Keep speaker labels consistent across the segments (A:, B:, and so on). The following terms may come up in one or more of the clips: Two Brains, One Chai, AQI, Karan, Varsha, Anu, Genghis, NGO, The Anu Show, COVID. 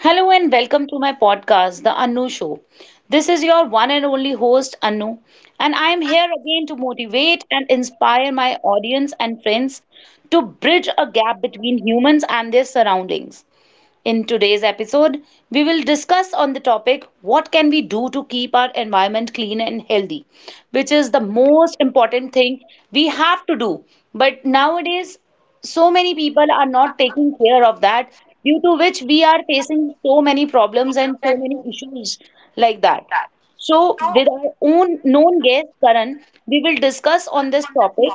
A: Hello and welcome to my podcast, The Anu Show. This is your one and only host, Anu, and I am here again to motivate and inspire my audience and friends to bridge a gap between humans and their surroundings. In today's episode, we will discuss on the topic what can we do to keep our environment clean and healthy, which is the most important thing we have to do. But nowadays, so many people are not taking care of that, due to which we are facing so many problems and so many issues like that. So, with our own known guest Karan, we will discuss on this topic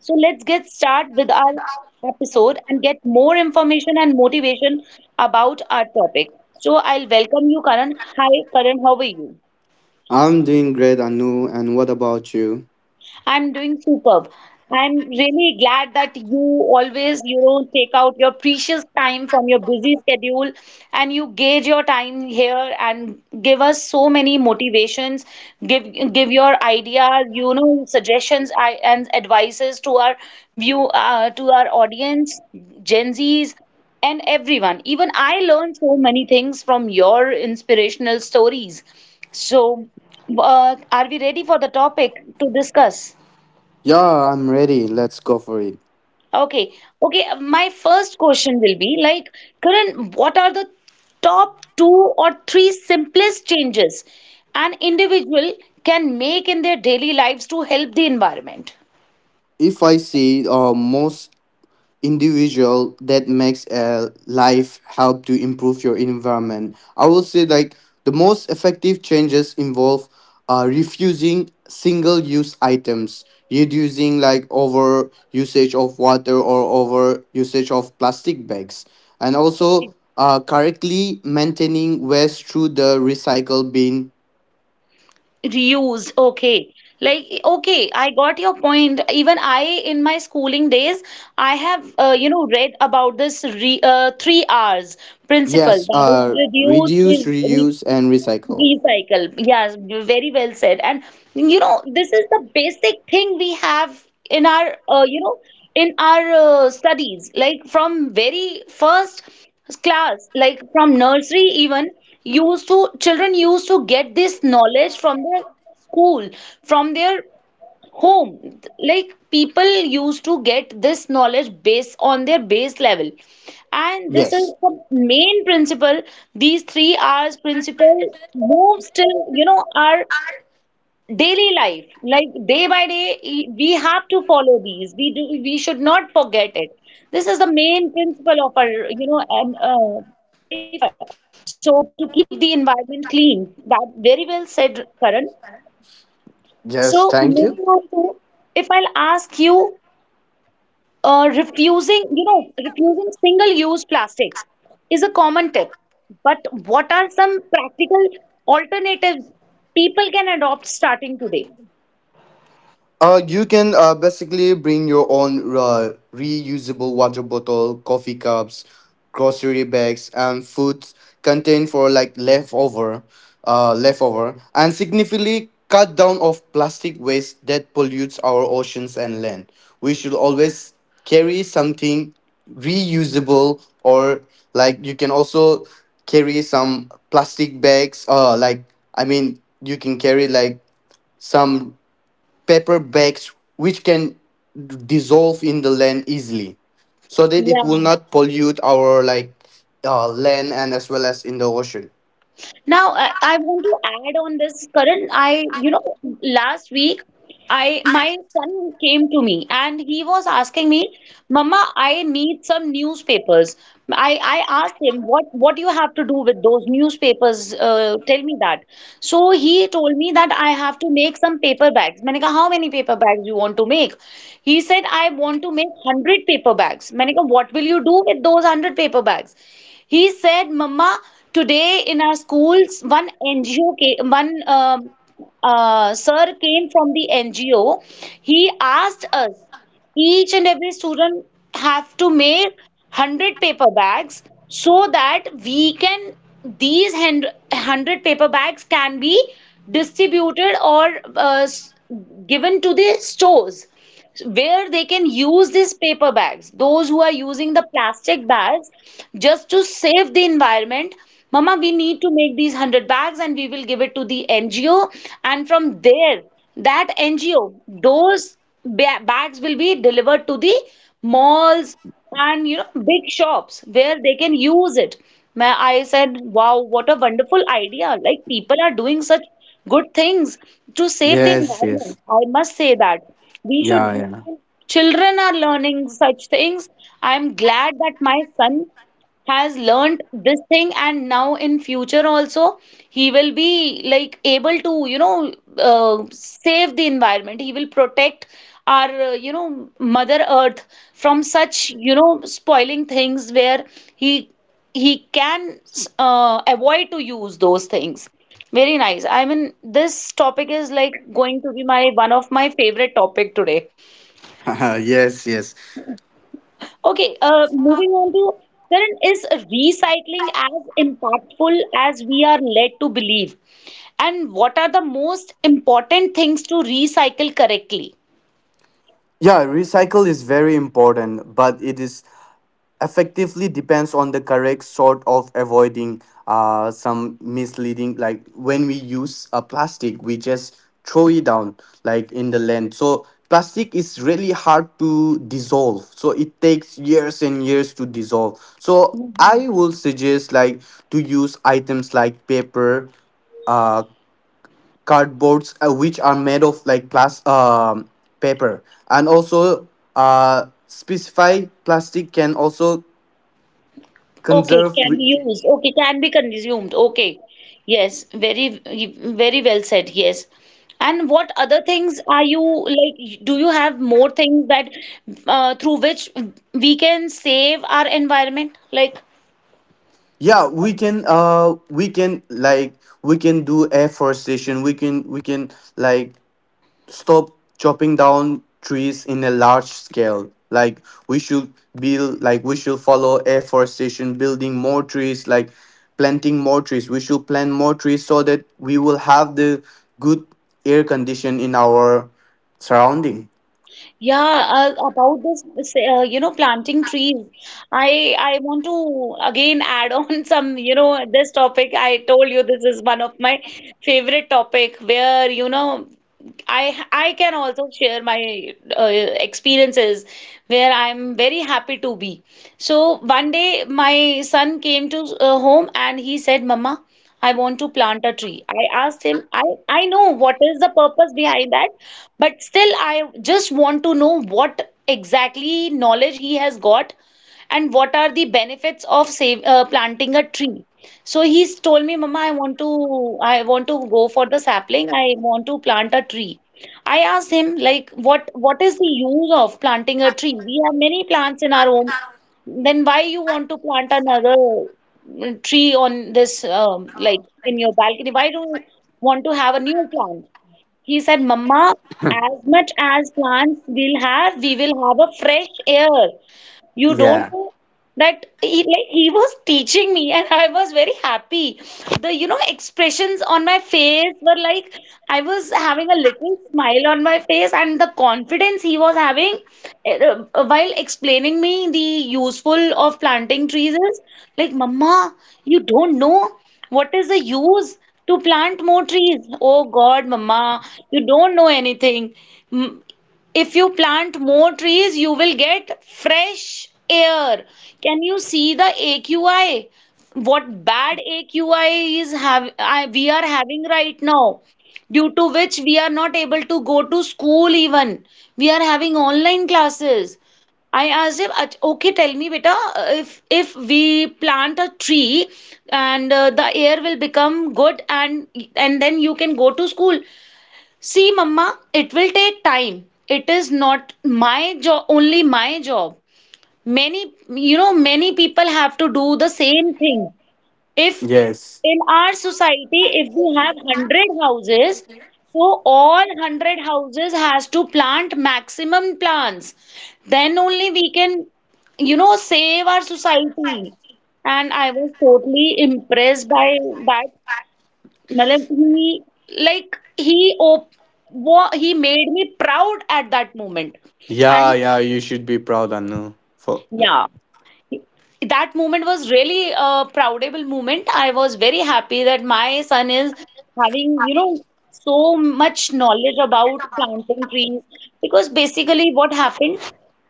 A: so let's get started with our episode and get more information and motivation about our topic. So I'll welcome you, Karan. Hi, Karan, how are you?
B: I'm doing great, Anu, and what about you?
A: I'm doing superb. I'm really glad that you always, take out your precious time from your busy schedule and you gauge your time here and give us so many motivations, give your ideas, suggestions I, and advices to our view to our audience, Gen Zs and everyone. Even I learned so many things from your inspirational stories. So. Are we ready for the topic to discuss?
B: Yeah, I'm ready. Let's go for it.
A: Okay. Okay. My first question will be like, Karan, what are the top two or three simplest changes an individual can make in their daily lives to help the environment?
B: If I see most individual that makes a life help to improve your environment, I will say like the most effective changes involve refusing single use items, reducing like over usage of water or over usage of plastic bags, and also
A: Okay.
B: correctly maintaining waste through the recycle bin.
A: Reused. Okay. Like, okay, I got your point. Even I, in my schooling days, I have, read about this re three R's principle.
B: Yes,
A: That is
B: reduce,
A: reduce, re
B: reuse, and recycle.
A: Recycle. Yes, very well said. And this is the basic thing we have in our, in our studies. Like from very first class, like from nursery even, used to children used to get this knowledge from their school, from their home like people used to get this knowledge based on their base level, and this is
B: Yes.
A: the main principle. These three R's principle moves till, our daily life, like day by day, we have to follow these, we do, we should not forget it. This is the main principle of our, you know and life. So to keep the environment clean, that very well said, Karan.
B: Yes,
A: So
B: thank you.
A: moving on to, if I'll ask you, refusing single-use plastics is a common tip. But what are some practical alternatives people can adopt starting today?
B: You can basically bring your own reusable water bottle, coffee cups, grocery bags, and food contained for like leftover, leftover, and significantly cut down of plastic waste that pollutes our oceans and land. We should always carry something reusable, or like you can also carry some plastic bags. Like I mean, you can carry like some paperbacks which can dissolve in the land easily so that it will
A: Yeah.
B: not pollute our like land and as well as in the ocean.
A: Now, I want to add on this, Karan. Last week, I my son came to me and he was asking me, "Mama, I need some newspapers." I asked him, "What do you have to do with those newspapers? Tell me that." So he told me that I have to make some paper bags. मैंने कहा, "How many paper bags you want to make?" He said, "I want to make 100 paper bags." मैंने कहा, "What will you do with those 100 paper bags?" He said, "Mama, today in our schools, one NGO, one sir came from the NGO. He asked us, each and every student have to make 100 paper bags so that we can, these 100 paper bags can be distributed or uh, s- given to the stores where they can use these paper bags, those who are using the plastic bags, just to save the environment. Mama, we need to make these 100 bags and we will give it to the NGO, and from there that NGO, those bags will be delivered to the malls and, big shops where they can use it. I said, wow, what a wonderful idea! Like people are doing such good things to save the
B: Yes,
A: environment.
B: yes.
A: I must say that we should.
B: Yeah,
A: Children are learning such things. I am glad that my son has learned this thing, and now in future also he will be like able to, save the environment, he will protect our, mother earth from such, spoiling things where he he can avoid to use those things. Very nice, I mean this topic is like going to be my one of my favorite topic today.
B: yeah. Yes, yes.
A: Okay, moving on to, Karan, is recycling as impactful as we are led to believe? And what are the most important things to recycle correctly?
B: Yeah, recycle is very important, but it is effectively depends on the correct sort of avoiding some misleading. Like when we use a plastic we just throw it down like in the land, so plastic is really hard to dissolve, so it takes years and years to dissolve. So
A: Mhm.
B: I will suggest like to use items like paper, uh, cardboards, which are made of like plus paper, and also uh, specify plastic can also
A: Okay,
B: conserve
A: can be
B: re-.
A: used. Okay, can be consumed. Okay, yes, very, very well said. Yes. And what other things are you like? Do you have more things that through which we can save our environment? Like,
B: Yeah, we can do afforestation. We can like stop chopping down trees in a large scale. Like we should build, like we should follow afforestation, building more trees, like planting more trees. We should plant more trees so that we will have the good air condition in our surrounding.
A: yeah, about this, planting trees. I want to again add on some, this topic. I told you this is one of my favorite topic where, I can also share my experiences where I'm very happy to be. So one day my son came to home and he said, "Mama, I want to plant a tree." I asked him, "I know what is the purpose behind that, but still I just want to know what exactly knowledge he has got and what are the benefits of planting a tree." So he's told me, Mama, I want to go for the sapling. I want to plant a tree. I asked him, like, what is the use of planting a tree? We have many plants in our home. Then why you want to plant another tree on this like in your balcony? Why do you want to have a new plant? He said, Mama, as much as plants we'll have, we will have a fresh air. You don't
B: Yeah.
A: know that he, like he was teaching me and I was very happy. The expressions on my face were like I was having a little smile on my face, and the confidence he was having while explaining me the useful of planting trees is like, Mama, you don't know what is the use to plant more trees. Oh God, Mama, you don't know anything. Mm, if you plant more trees, you will get fresh air. Can you see the AQI? What bad AQI is we are having right now, due to which we are not able to go to school even. We are having online classes. I asked him, okay, tell me, beta, if we plant a tree and the air will become good and then you can go to school." See, Mamma, it will take time. It is not my job, only my job. Many, many people have to do the same thing. If
B: Yes.
A: In our society, if we have 100 houses, so all 100 houses has to plant maximum plants. Then only we can, save our society. And I was totally impressed by that. Matlab, he like he op wa he made me proud at that moment.
B: Yeah,
A: And
B: yeah, you should be proud, Anu, for.
A: yeah, that moment was really a proudable moment. I was very happy that my son is having, so much knowledge about planting trees, because basically what happened,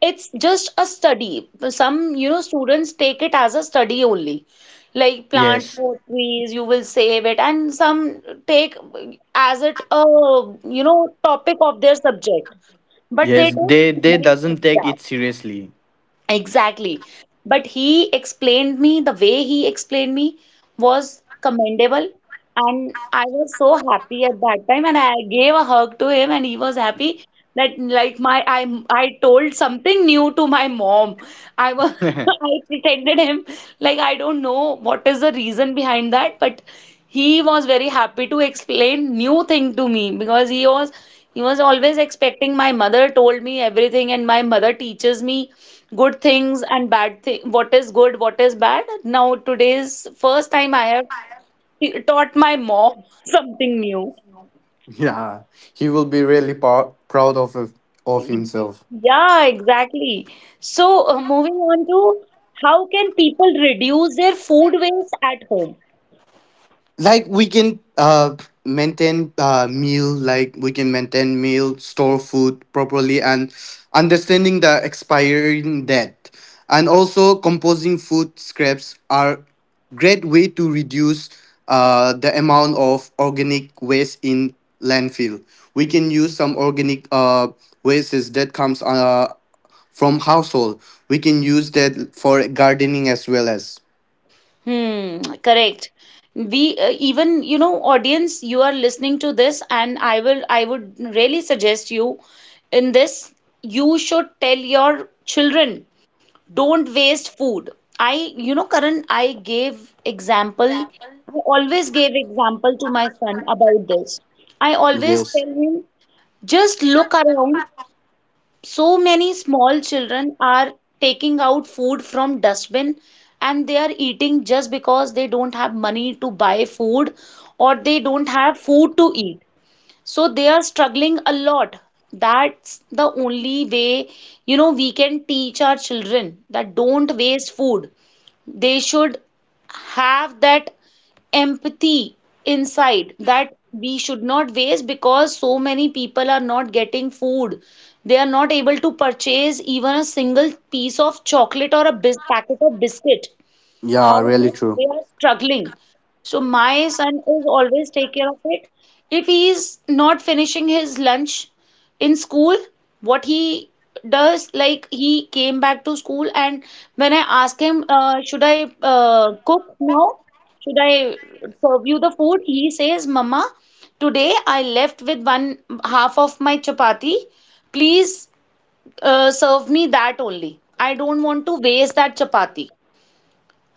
A: it's just a study. Some, students take it as a study only. Like plant
B: Yes.
A: 4 trees, you will save it, and some take as it a, topic of their subject. But they
B: Yes,
A: don't,
B: they
A: mean mind,
B: doesn't take
A: yeah,
B: it seriously.
A: exactly. But he explained me, the way he explained me was commendable. And I was so happy at that time. And I gave a hug to him, and he was happy that, like, my I told something new to my mom. I was I pretended him, like, I don't know what is the reason behind that, but he was very happy to explain new thing to me because he was always expecting my mother told me everything, and my mother teaches me good things and bad thing, what is good what is bad. Now today's first time I have taught my mom something new.
B: Yeah, he will be really proud of himself.
A: Yeah exactly. So moving on to, how can people reduce their food waste at home?
B: Like we can maintain uh, meal, like we can maintain meal, store food properly and understanding the expiring date, and also composing food scraps are great way to reduce the amount of organic waste in landfill. We can use some organic uh, wastes that comes from household. We can use that for gardening as well as.
A: Hmm, correct. We even, you know, audience, you are listening to this, and I would really suggest you in this, you should tell your children, don't waste food. I you know karan I gave example. I always gave example to my son about this. I always
B: Yes.
A: tell him, just look around. So many small children are taking out food from dustbin, and they are eating just because they don't have money to buy food, or they don't have food to eat. So they are struggling a lot. That's the only way, you know, we can teach our children that don't waste food. They should have that empathy inside, that we should not waste because so many people are not getting food. They are not able to purchase even a single piece of chocolate or a packet of biscuit. How
B: Yeah, really
A: much
B: true.
A: they are struggling. So my son is always take care of it. If he is not finishing his lunch in school, what he does, like he came back to school, and when I ask him, should I cook now? Should I serve you the food? He says, Mama, today I left with one half of my chapati. Please serve me that only. I don't want to waste that chapati.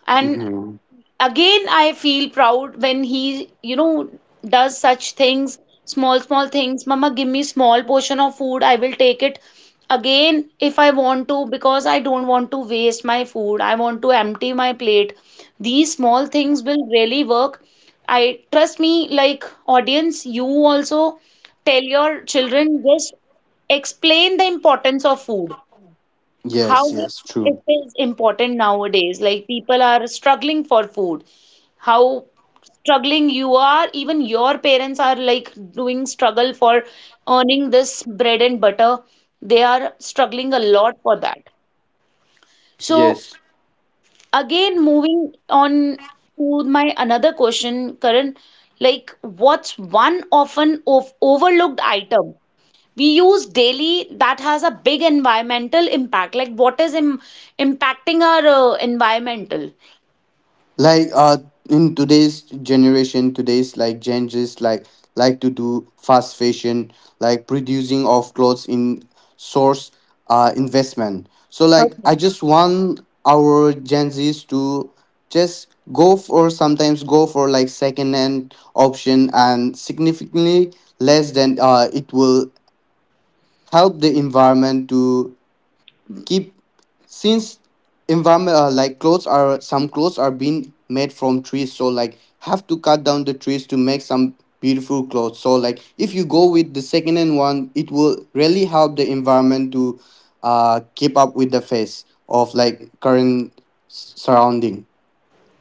A: And
B: Mhm.
A: again I feel proud when he, you know, does such things. Small small things. Mama, give me small portion of food, I will take it. Again, if I want to, because I don't want to waste my food, I want to empty my plate. These small things will really work. I trust me, like, audience, you also tell your children, just explain the importance of food, how
B: Yes,
A: much
B: yes,
A: it
B: true.
A: is important nowadays. Like, people are struggling for food. How struggling you are, even your parents are like doing struggle for earning this bread and butter. They are struggling a lot for that. So
B: Yes.
A: again, moving on to my another question, Karan, like what's one often of overlooked item we use daily that has a big environmental impact? Like, what is impacting our environmental.
B: Like in today's generation, today's like Gen Zs like to do fast fashion, like producing of clothes in source investment. So like
A: Okay.
B: I just want our Gen Zs to just go for sometimes go for like second hand option and significantly less than uh, it will help the environment to keep since environment like clothes are some clothes are being made from trees, so like have to cut down the trees to make some beautiful clothes. So like if you go with the second hand one, it will really help the environment to keep up with the phase of like current surrounding.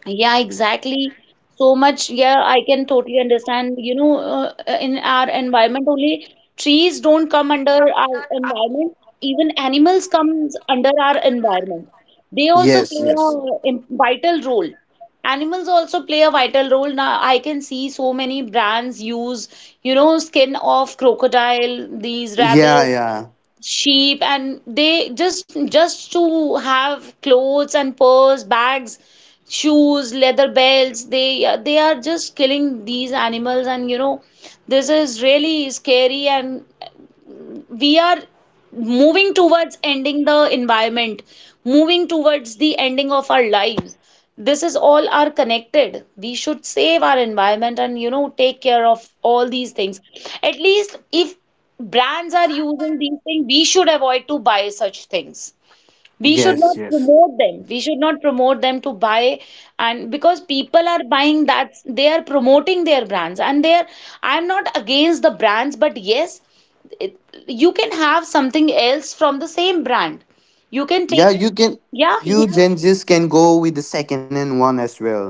A: Yeah, exactly. So much, yeah, I can totally understand. You know, in our environment only, trees don't come under our environment. Even animals comes under our environment. They also
B: Yes,
A: play
B: yes.
A: a vital role. Animals also play a vital role. Now, I can see so many brands use, you know, skin of crocodile, these
B: Yeah,
A: rabbits,
B: yeah.
A: sheep, and they just to have clothes and purse, bags, shoes, leather belts. They are just killing these animals, and you know, this is really scary, and we are moving towards ending the environment, moving towards the ending of our lives. This is all are connected. We should save our environment and, you know, take care of all these things. At least if brands are using these things, we should avoid to buy such things. We should
B: Yes,
A: not
B: yes.
A: promote them. We should not promote them to buy, and because people are buying that, they are promoting their brands. And they are, I'm not against the brands, but yes, it, you can have something else from the same brand. You can
B: Yeah,
A: take,
B: you can.
A: yeah, you
B: You
A: can,
B: Gen Zs can go with the second hand one as well.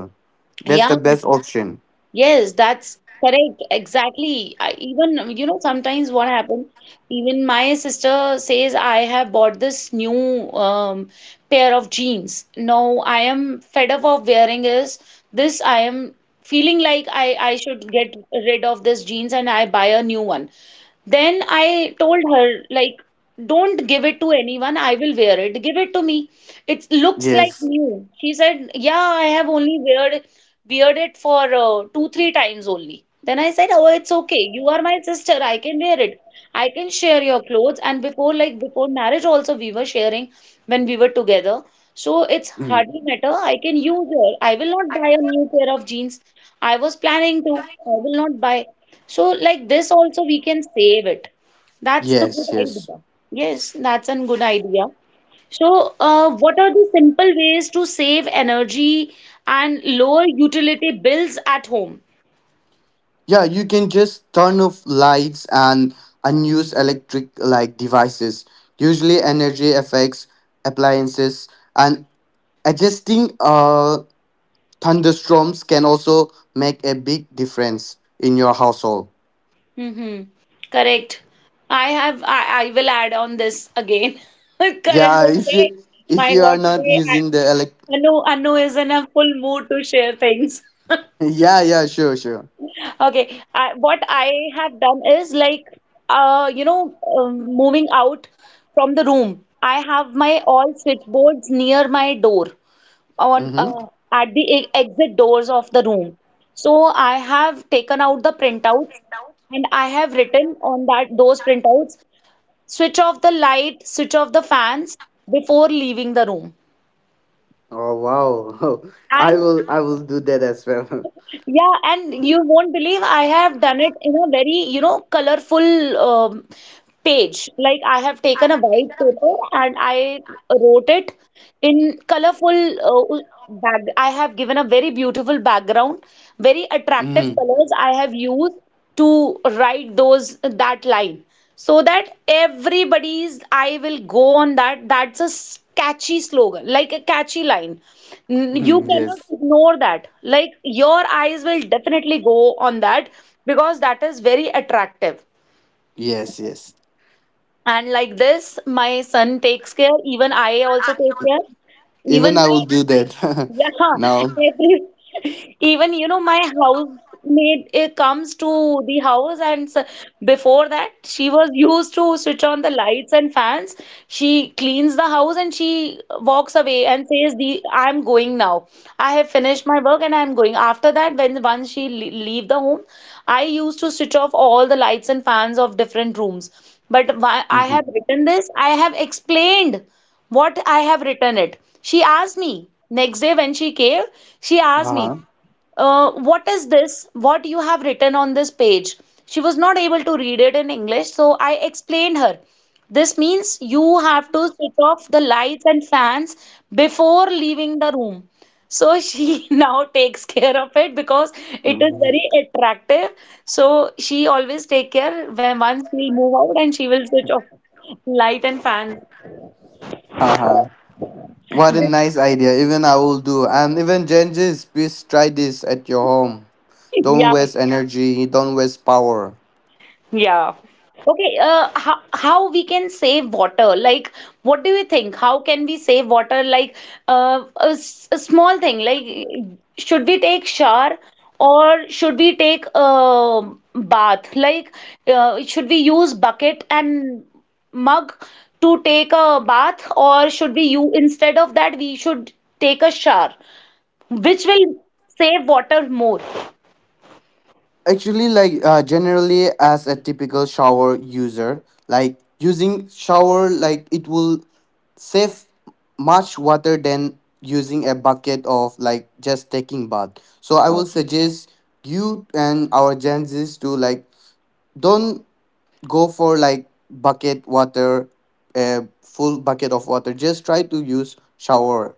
B: That's the
A: yeah.
B: best option.
A: Yes, that's correct. Exactly. I, even, you know, sometimes what happens, even my sister says, I have bought this new pair of jeans. No, I am fed up of wearing is this. I am feeling like I should get rid of this jeans and I buy a new one. Then I told her, like, don't give it to anyone. I will wear it. Give it to me. It looks like
B: Yes.
A: new. She said, yeah, I have only weared it for two, three times only. Then I said, oh, it's okay. You are my sister. I can wear it. I can share your clothes. And before, like, before marriage also, we were sharing when we were together. So it's
B: Mm.
A: hardly matter. I can use her. I will not buy a new pair of jeans. I was planning to. I will not buy. So like this, also we can save it. That's the good
B: Yes, yes.
A: idea. Yes, that's a good idea. So, what are the simple ways to save energy and lower utility bills at home?
B: Yeah, you can just turn off lights and unuse electric like devices, usually energy effects, appliances, and adjusting uh, thunderstorms can also make a big difference in your household.
A: Mm-hmm. Correct. I have, I will add on this again. Karan
B: Yeah,
A: will say,
B: if
A: my
B: you are
A: God,
B: not
A: today
B: using the elect.
A: I, Anu, Anu is in a full mood to share things.
B: Yeah, yeah, sure, sure.
A: Okay, I, what I have done is like, you know, moving out from the room. I have my all switchboards near my door on
B: Mm-hmm.
A: at the exit doors of the room. So I have taken out the printouts, and I have written on that those printouts, switch off the light, switch off the fans before leaving the room.
B: Oh wow. I
A: And
B: will I will do that as well.
A: yeah, and you won't believe I have done it in a very, you know, colorful page. Like I have taken a white paper and I wrote it in colorful back. I have given a very beautiful background, very attractive
B: Mm-hmm.
A: colors I have used to write those that line so that everybody's eye will go on that. That's a catchy slogan, like a catchy line. You
B: Yes.
A: cannot ignore that. Like your eyes will definitely go on that because that is very attractive.
B: Yes, yes.
A: And like this, my son takes care, even I also take care.
B: Even
A: Even
B: I will
A: my,
B: do that. no.
A: yeah, every, even you know, my housemaid, it comes to the house, and before that she was used to switch on the lights and fans. She cleans the house and she walks away and says the I'm going now. I have finished my work and I'm going. After that, when once she leave the home, I used to switch off all the lights and fans of different rooms. But why I have
B: Mhm.
A: written this, I have explained what I have written it. She asked me next day when she came, she asked me,
B: Haha.
A: what is this? What you have written on this page? She was not able to read it in English, so I explained her. This means you have to switch off the lights and fans before leaving the room. So she now takes care of it because it is
B: Mhm.
A: very attractive. So she always take care when once we move out and she will switch off light and fans.
B: Haha. What a nice idea. Even I will do. And even Genghis, please try this at your home. Don't
A: Yeah.
B: waste energy, don't waste power.
A: Yeah. Okay, how we can save water? Like, what do you think? How can we save water? Like, a small thing, like, should we take shower or should we take a bath? Like, should we use bucket and mug to take a bath, or should we, you, instead of that we should take a shower, which will save water more?
B: Actually, like generally, as a typical shower user, like using shower, like it will save much water than using a bucket of like just taking bath. So I will suggest you and our Gen to like don't go for like bucket water, a full bucket of water. Just try to use shower.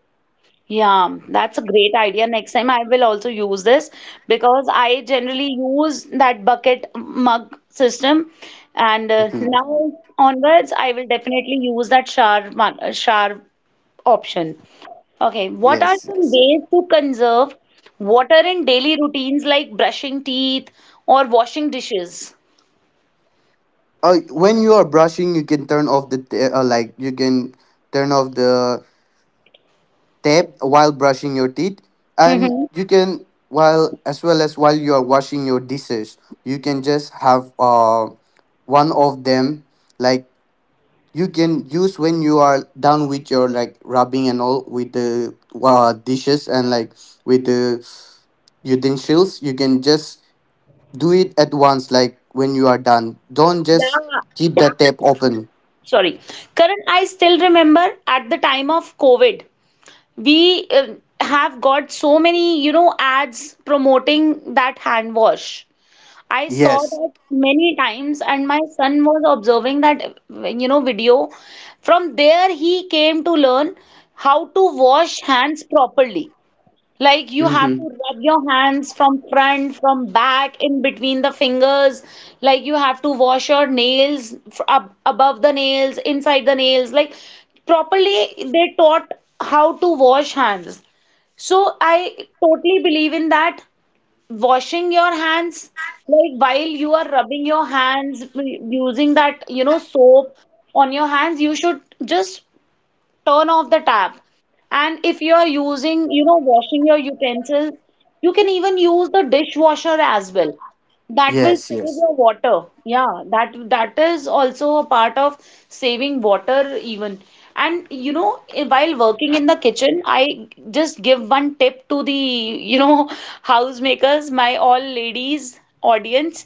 A: Yeah, that's a great idea. Next time I will also use this because I generally use that bucket mug system, and
B: Mhm.
A: now onwards I will definitely use that shower one, shower option. Okay, what are
B: Yes,
A: some
B: yes.
A: ways to conserve water in daily routines like brushing teeth or washing dishes?
B: Uh, when you are brushing, you can turn off the t- like you can turn off the tap while brushing your teeth. And
A: Hmm.
B: you can, while as well as while you are washing your dishes, you can just have uh, one of them. Like you can use when you are done with your like rubbing and all with the dishes, and like with the utensils you can just do it at once. Like when you are done, don't just
A: Yeah,
B: keep the tap open.
A: sorry. Karan, I still remember at the time of COVID. We have got so many, you know, ads promoting that hand wash. I saw
B: Yes.
A: that many times, and my son was observing that, you know, video. From there, he came to learn how to wash hands properly. Like you have to
B: Mm-hmm.
A: rub your hands from front, from back, in between the fingers. Like you have to wash your nails up above the nails, inside the nails. Like properly, they taught how to wash hands. So I totally believe in that. Washing your hands, like while you are rubbing your hands, using that, you know, soap on your hands, you should just turn off the tap. And if you are using, you know, washing your utensils, you can even use the dishwasher as well. That will
B: Yes,
A: save
B: yes.
A: your water. Yeah, that is also a part of saving water even. And you know, while working in the kitchen, I just give one tip to the, you know, housemakers, my all ladies audience,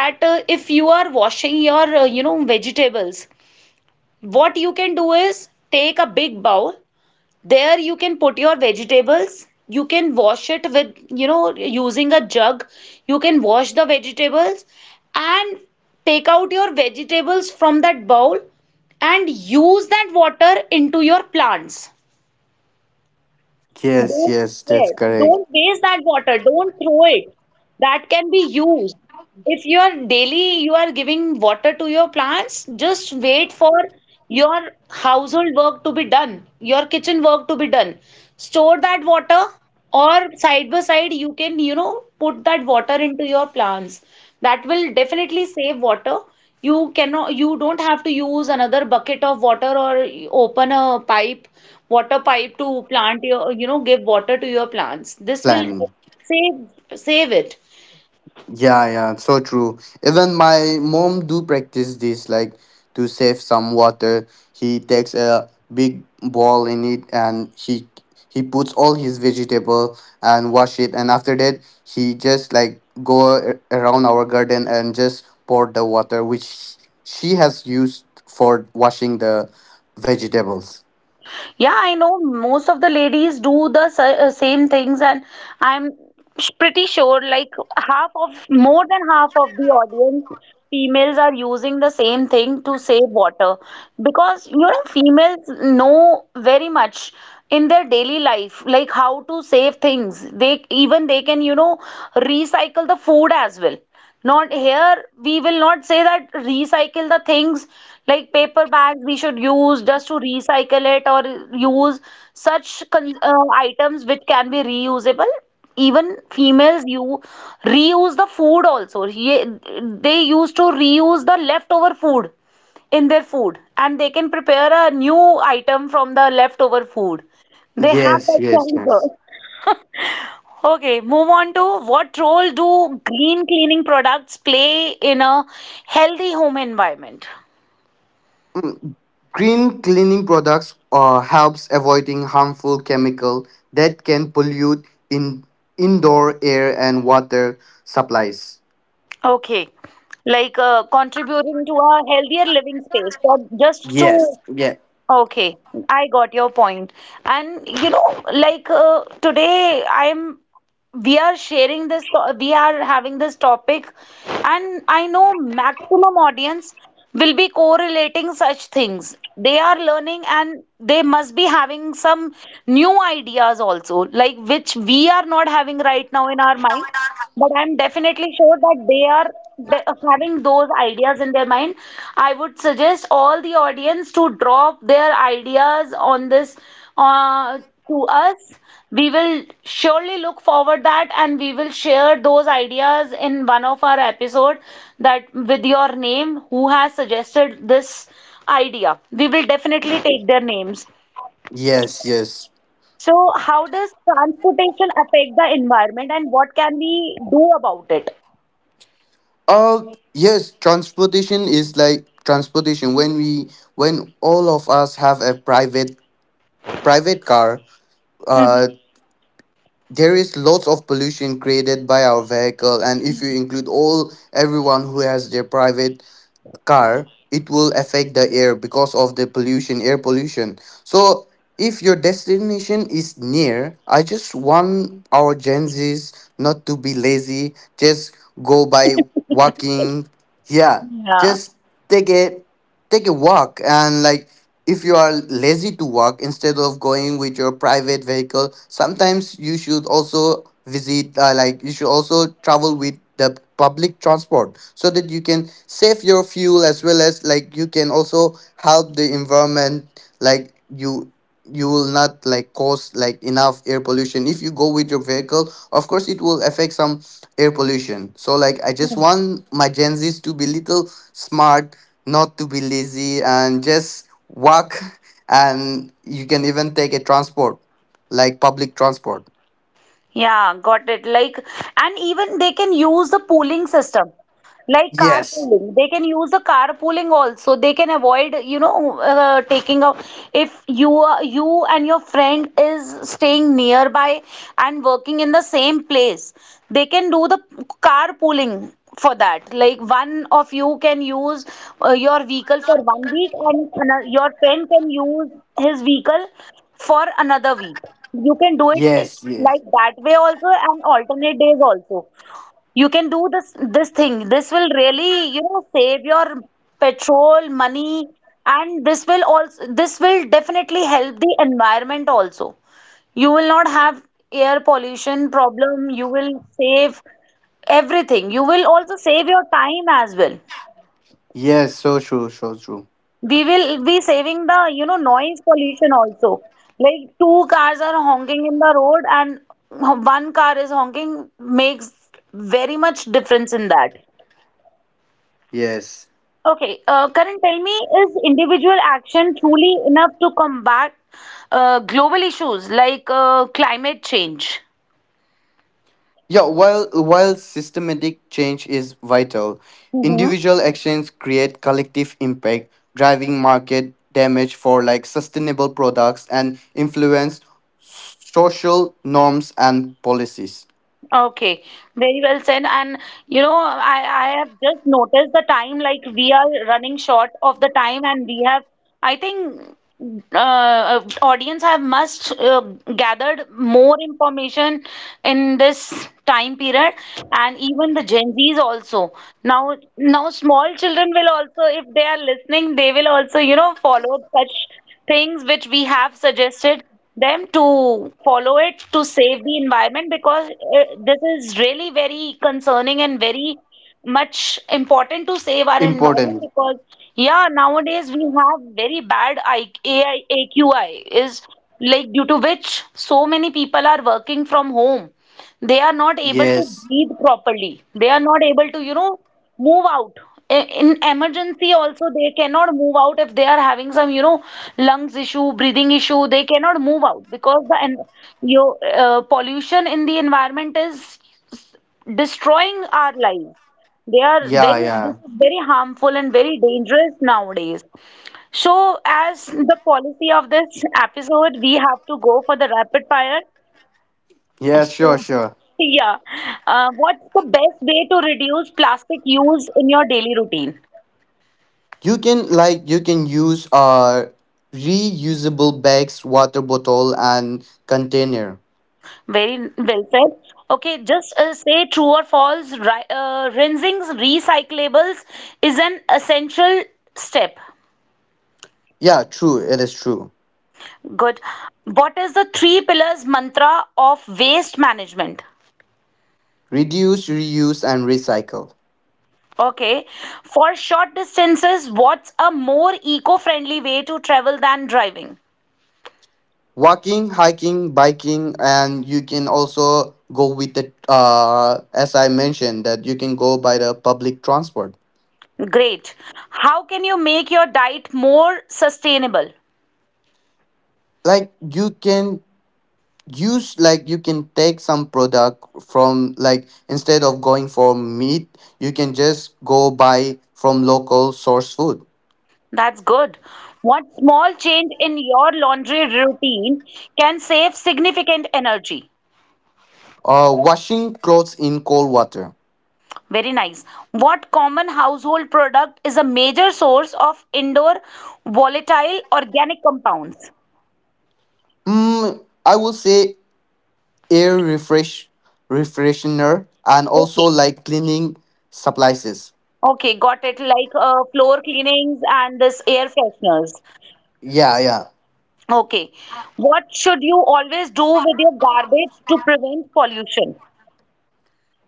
A: that if you are washing your, you know, vegetables, what you can do is take a big bowl. There you can put your vegetables. You can wash it with, you know, using a jug. You can wash the vegetables, and take out your vegetables from that bowl and use that water into your plants.
B: Yes,
A: Don't,
B: yes, that's
A: yes,
B: correct.
A: don't waste that water. Don't throw it. That can be used. If you are daily you are giving water to your plants, just wait for your household work to be done, your kitchen work to be done. Store that water, or side by side you can, you know, put that water into your plants. That will definitely save water. You cannot you don't have to use another bucket of water or open a pipe, water pipe to plant your, you know, give water to your plants. This will
B: Plan.
A: save it.
B: Yeah, yeah, so true. Even my mom do practice this, like to save some water. He takes a big bowl in it and he puts all his vegetable and wash it, and after that he just like go around our garden and just pour the water which she has used for washing the vegetables.
A: Yeah, I know most of the ladies do the same things, and I'm pretty sure like half of, more than half of the audience females are using the same thing to save water because you know females know very much in their daily life like how to save things. They even they can, you know, recycle the food as well. Not here, we will not say that recycle the things like paper bags we should use just to recycle it, or use such con items which can be reusable. Even females, you reuse the food also. They used to reuse the leftover food in their food, and they can prepare a new item from the leftover food. They have
B: Yes,
A: that
B: yes, yes.
A: choice. Okay, move on to what role do green cleaning products play in a healthy home environment?
B: Mm, green cleaning products helps avoiding harmful chemical that can pollute in indoor air and water supplies.
A: Okay, like contributing to a healthier living space. So just
B: Yes.
A: to—
B: Yeah.
A: okay, I got your point. And like today, I'm we are sharing this, we are having this topic, and I know maximum audience will be correlating such things. They are learning, and they must be having some new ideas also, like which we are not having right now in our mind. But I'm definitely sure that they are having those ideas in their mind. I would suggest all the audience to drop their ideas on this uh, to us. We will surely look forward that, and we will share those ideas in one of our episode that with your name who has suggested this idea. We will definitely take their names.
B: Yes. Yes.
A: So how does transportation affect the environment, and what can we do about it?
B: Yes, transportation is like transportation. When we when all of us have a private car, uh, there is lots of pollution created by our vehicle, and if you include all everyone who has their private car, it will affect the air because of the pollution, air pollution. So if your destination is near, I just want our Gen Z's not to be lazy, just go by walking. Yeah,
A: Yeah,
B: just take it, take a walk. And like if you are lazy to walk, instead of going with your private vehicle, sometimes you should also visit like you should also travel with the public transport so that you can save your fuel as well as like you can also help the environment. Like you will not like cause like enough air pollution. If you go with your vehicle, of course it will affect some air pollution. So like I just want my Gen Z's to be little smart, not to be lazy, and just walk. And you can even take a transport, like public transport.
A: yeah, got it. Like, and even they can use the pooling system, like
B: Yes,
A: carpooling. They can use the carpooling also. They can avoid, you know, taking out if you are— you and your friend is staying nearby and working in the same place. They can do the carpooling for that. Like one of you can use your vehicle for 1 week, and your friend can use his vehicle for another week. You can do it, eh,
B: yes. Yes,
A: like that way also, and alternate days also. You can do this thing. This will really, you know, save your petrol, money, and this will also— this will definitely help the environment also. You will not have air pollution problem, you will save everything. You will also save your time as well.
B: yes, so true, so true.
A: We will be saving the, you know, noise pollution also. Like two cars are honking in the road and one car is honking makes very much difference in that.
B: Yes.
A: Okay, Karan, tell me, is individual action truly enough to combat global issues like climate change?
B: Yeah, while systematic change is vital, individual actions create collective impact, driving market damage for like sustainable products and influence social norms and policies.
A: Okay, very well said. And you know, I have just noticed the time, like we are running short of the time, and we have, I think, audience have must gathered more information in this time period, and even the Gen Zs also. Now small children will also, if they are listening, they will also, you know, follow such things which we have suggested them to follow it to save the environment, because this is really very concerning and very much important to save our environment.
B: Important.
A: Because yeah, nowadays we have very bad I AI AQI is, like, due to which so many people are working from home. They are not able to
B: Yes.
A: breathe properly, they are not able to, you know, move out. In emergency also they cannot move out if they are having some, you know, lungs issue, breathing issue. They cannot move out because the en- your pollution in the environment is destroying our lives. They are
B: Yeah,
A: very This
B: yeah.
A: is very harmful and very dangerous nowadays. So as the policy of this episode, we have to go for the rapid fire.
B: Yeah, sure,
A: So,
B: sure.
A: yeah. What's the best way to reduce plastic use in your daily routine?
B: You can like you can use uh, reusable bags, water bottle and container.
A: Very well said. Okay, just say true or false. Ri Rinsing recyclables is an essential step.
B: Yeah, true, it is true.
A: Good. What is the three pillars mantra of waste management?
B: Reduce, reuse and recycle.
A: Okay. For short distances, what's a more eco-friendly way to travel than driving?
B: Walking, hiking, biking, and you can also go with the uh, as I mentioned, that you can go by the public transport.
A: Great. How can you make your diet more sustainable?
B: Like you can use like you can take some product from, like instead of going for meat, you can just go buy from local source food.
A: That's good. One small change in your laundry routine can save significant energy.
B: Uh, washing clothes in cold water.
A: Very nice. What common household product is a major source of indoor volatile organic compounds?
B: Mm, I would say air refresh refreshener, and also
A: Okay.
B: like cleaning supplies.
A: Okay, got it. Like floor cleanings and this air fresheners.
B: Yeah, yeah.
A: Okay. What should you always do with your garbage to prevent pollution?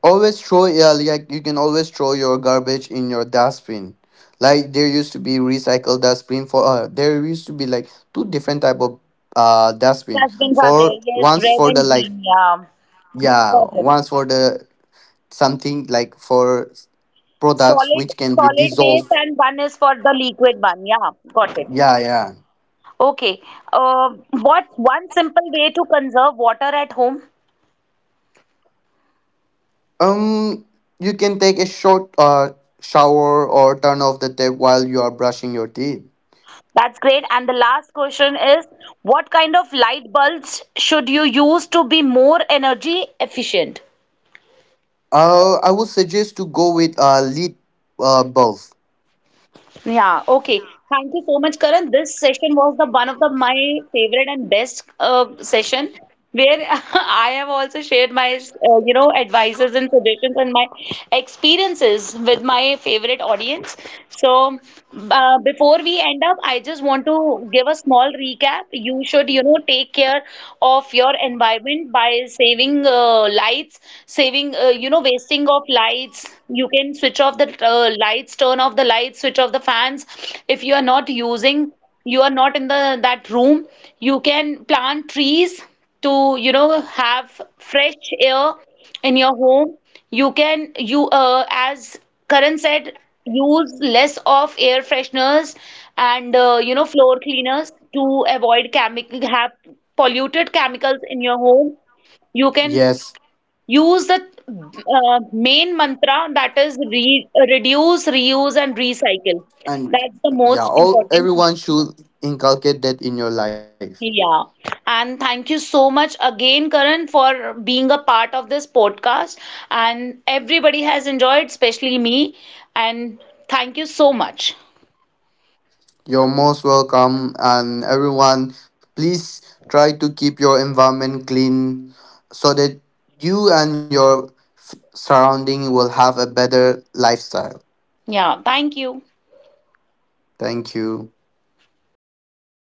B: Always throw, yeah, like you can always throw your garbage in your dustbin. Like there used to be recycled dustbin for there used to be like two different type of uh, dustbin.
A: Dustbins are there.
B: For
A: Yes,
B: once
A: red
B: for the
A: and
B: like.
A: green. Yeah.
B: Yeah,
A: Got it.
B: once for the something like for products
A: Solid,
B: which can be
A: solid base,
B: dissolved.
A: and one is for the liquid one. Yeah, got it.
B: Yeah, yeah.
A: Okay. What's one simple way to conserve water at home?
B: Um you can take a short uh, shower or turn off the tap while you are brushing your teeth.
A: That's great. And the last question is, what kind of light bulbs should you use to be more energy efficient?
B: Uh, I would suggest to go with a lead uh, bulb.
A: Yeah, okay. Thank you so much, Karan. This session was the one of the my favorite and best session where I have also shared my you know advices and suggestions and my experiences with my favorite audience. So before we end up, I just want to give a small recap. You should, you know, take care of your environment by saving lights, saving you know wasting of lights. You can switch off the lights, turn off the lights, switch off the fans. If you are not using, you are not in the that room, you can plant trees to, you know, have fresh air in your home. You can— you as Karan said, use less of air fresheners and you know floor cleaners to avoid chemical— have polluted chemicals in your home. You can—
B: Yes,
A: use the main mantra, that is re reduce, reuse, and recycle.
B: and
A: That's the
B: yeah,
A: most
B: all
A: important
B: everyone
A: thing.
B: should inculcate that in your life.
A: Yeah. And thank you so much again, Karan, for being a part of this podcast. And everybody has enjoyed, especially me. And thank you so much.
B: You're most welcome, and everyone, please try to keep your environment clean so that you and your surrounding will have a better lifestyle.
A: Yeah. Thank you.
B: Thank you.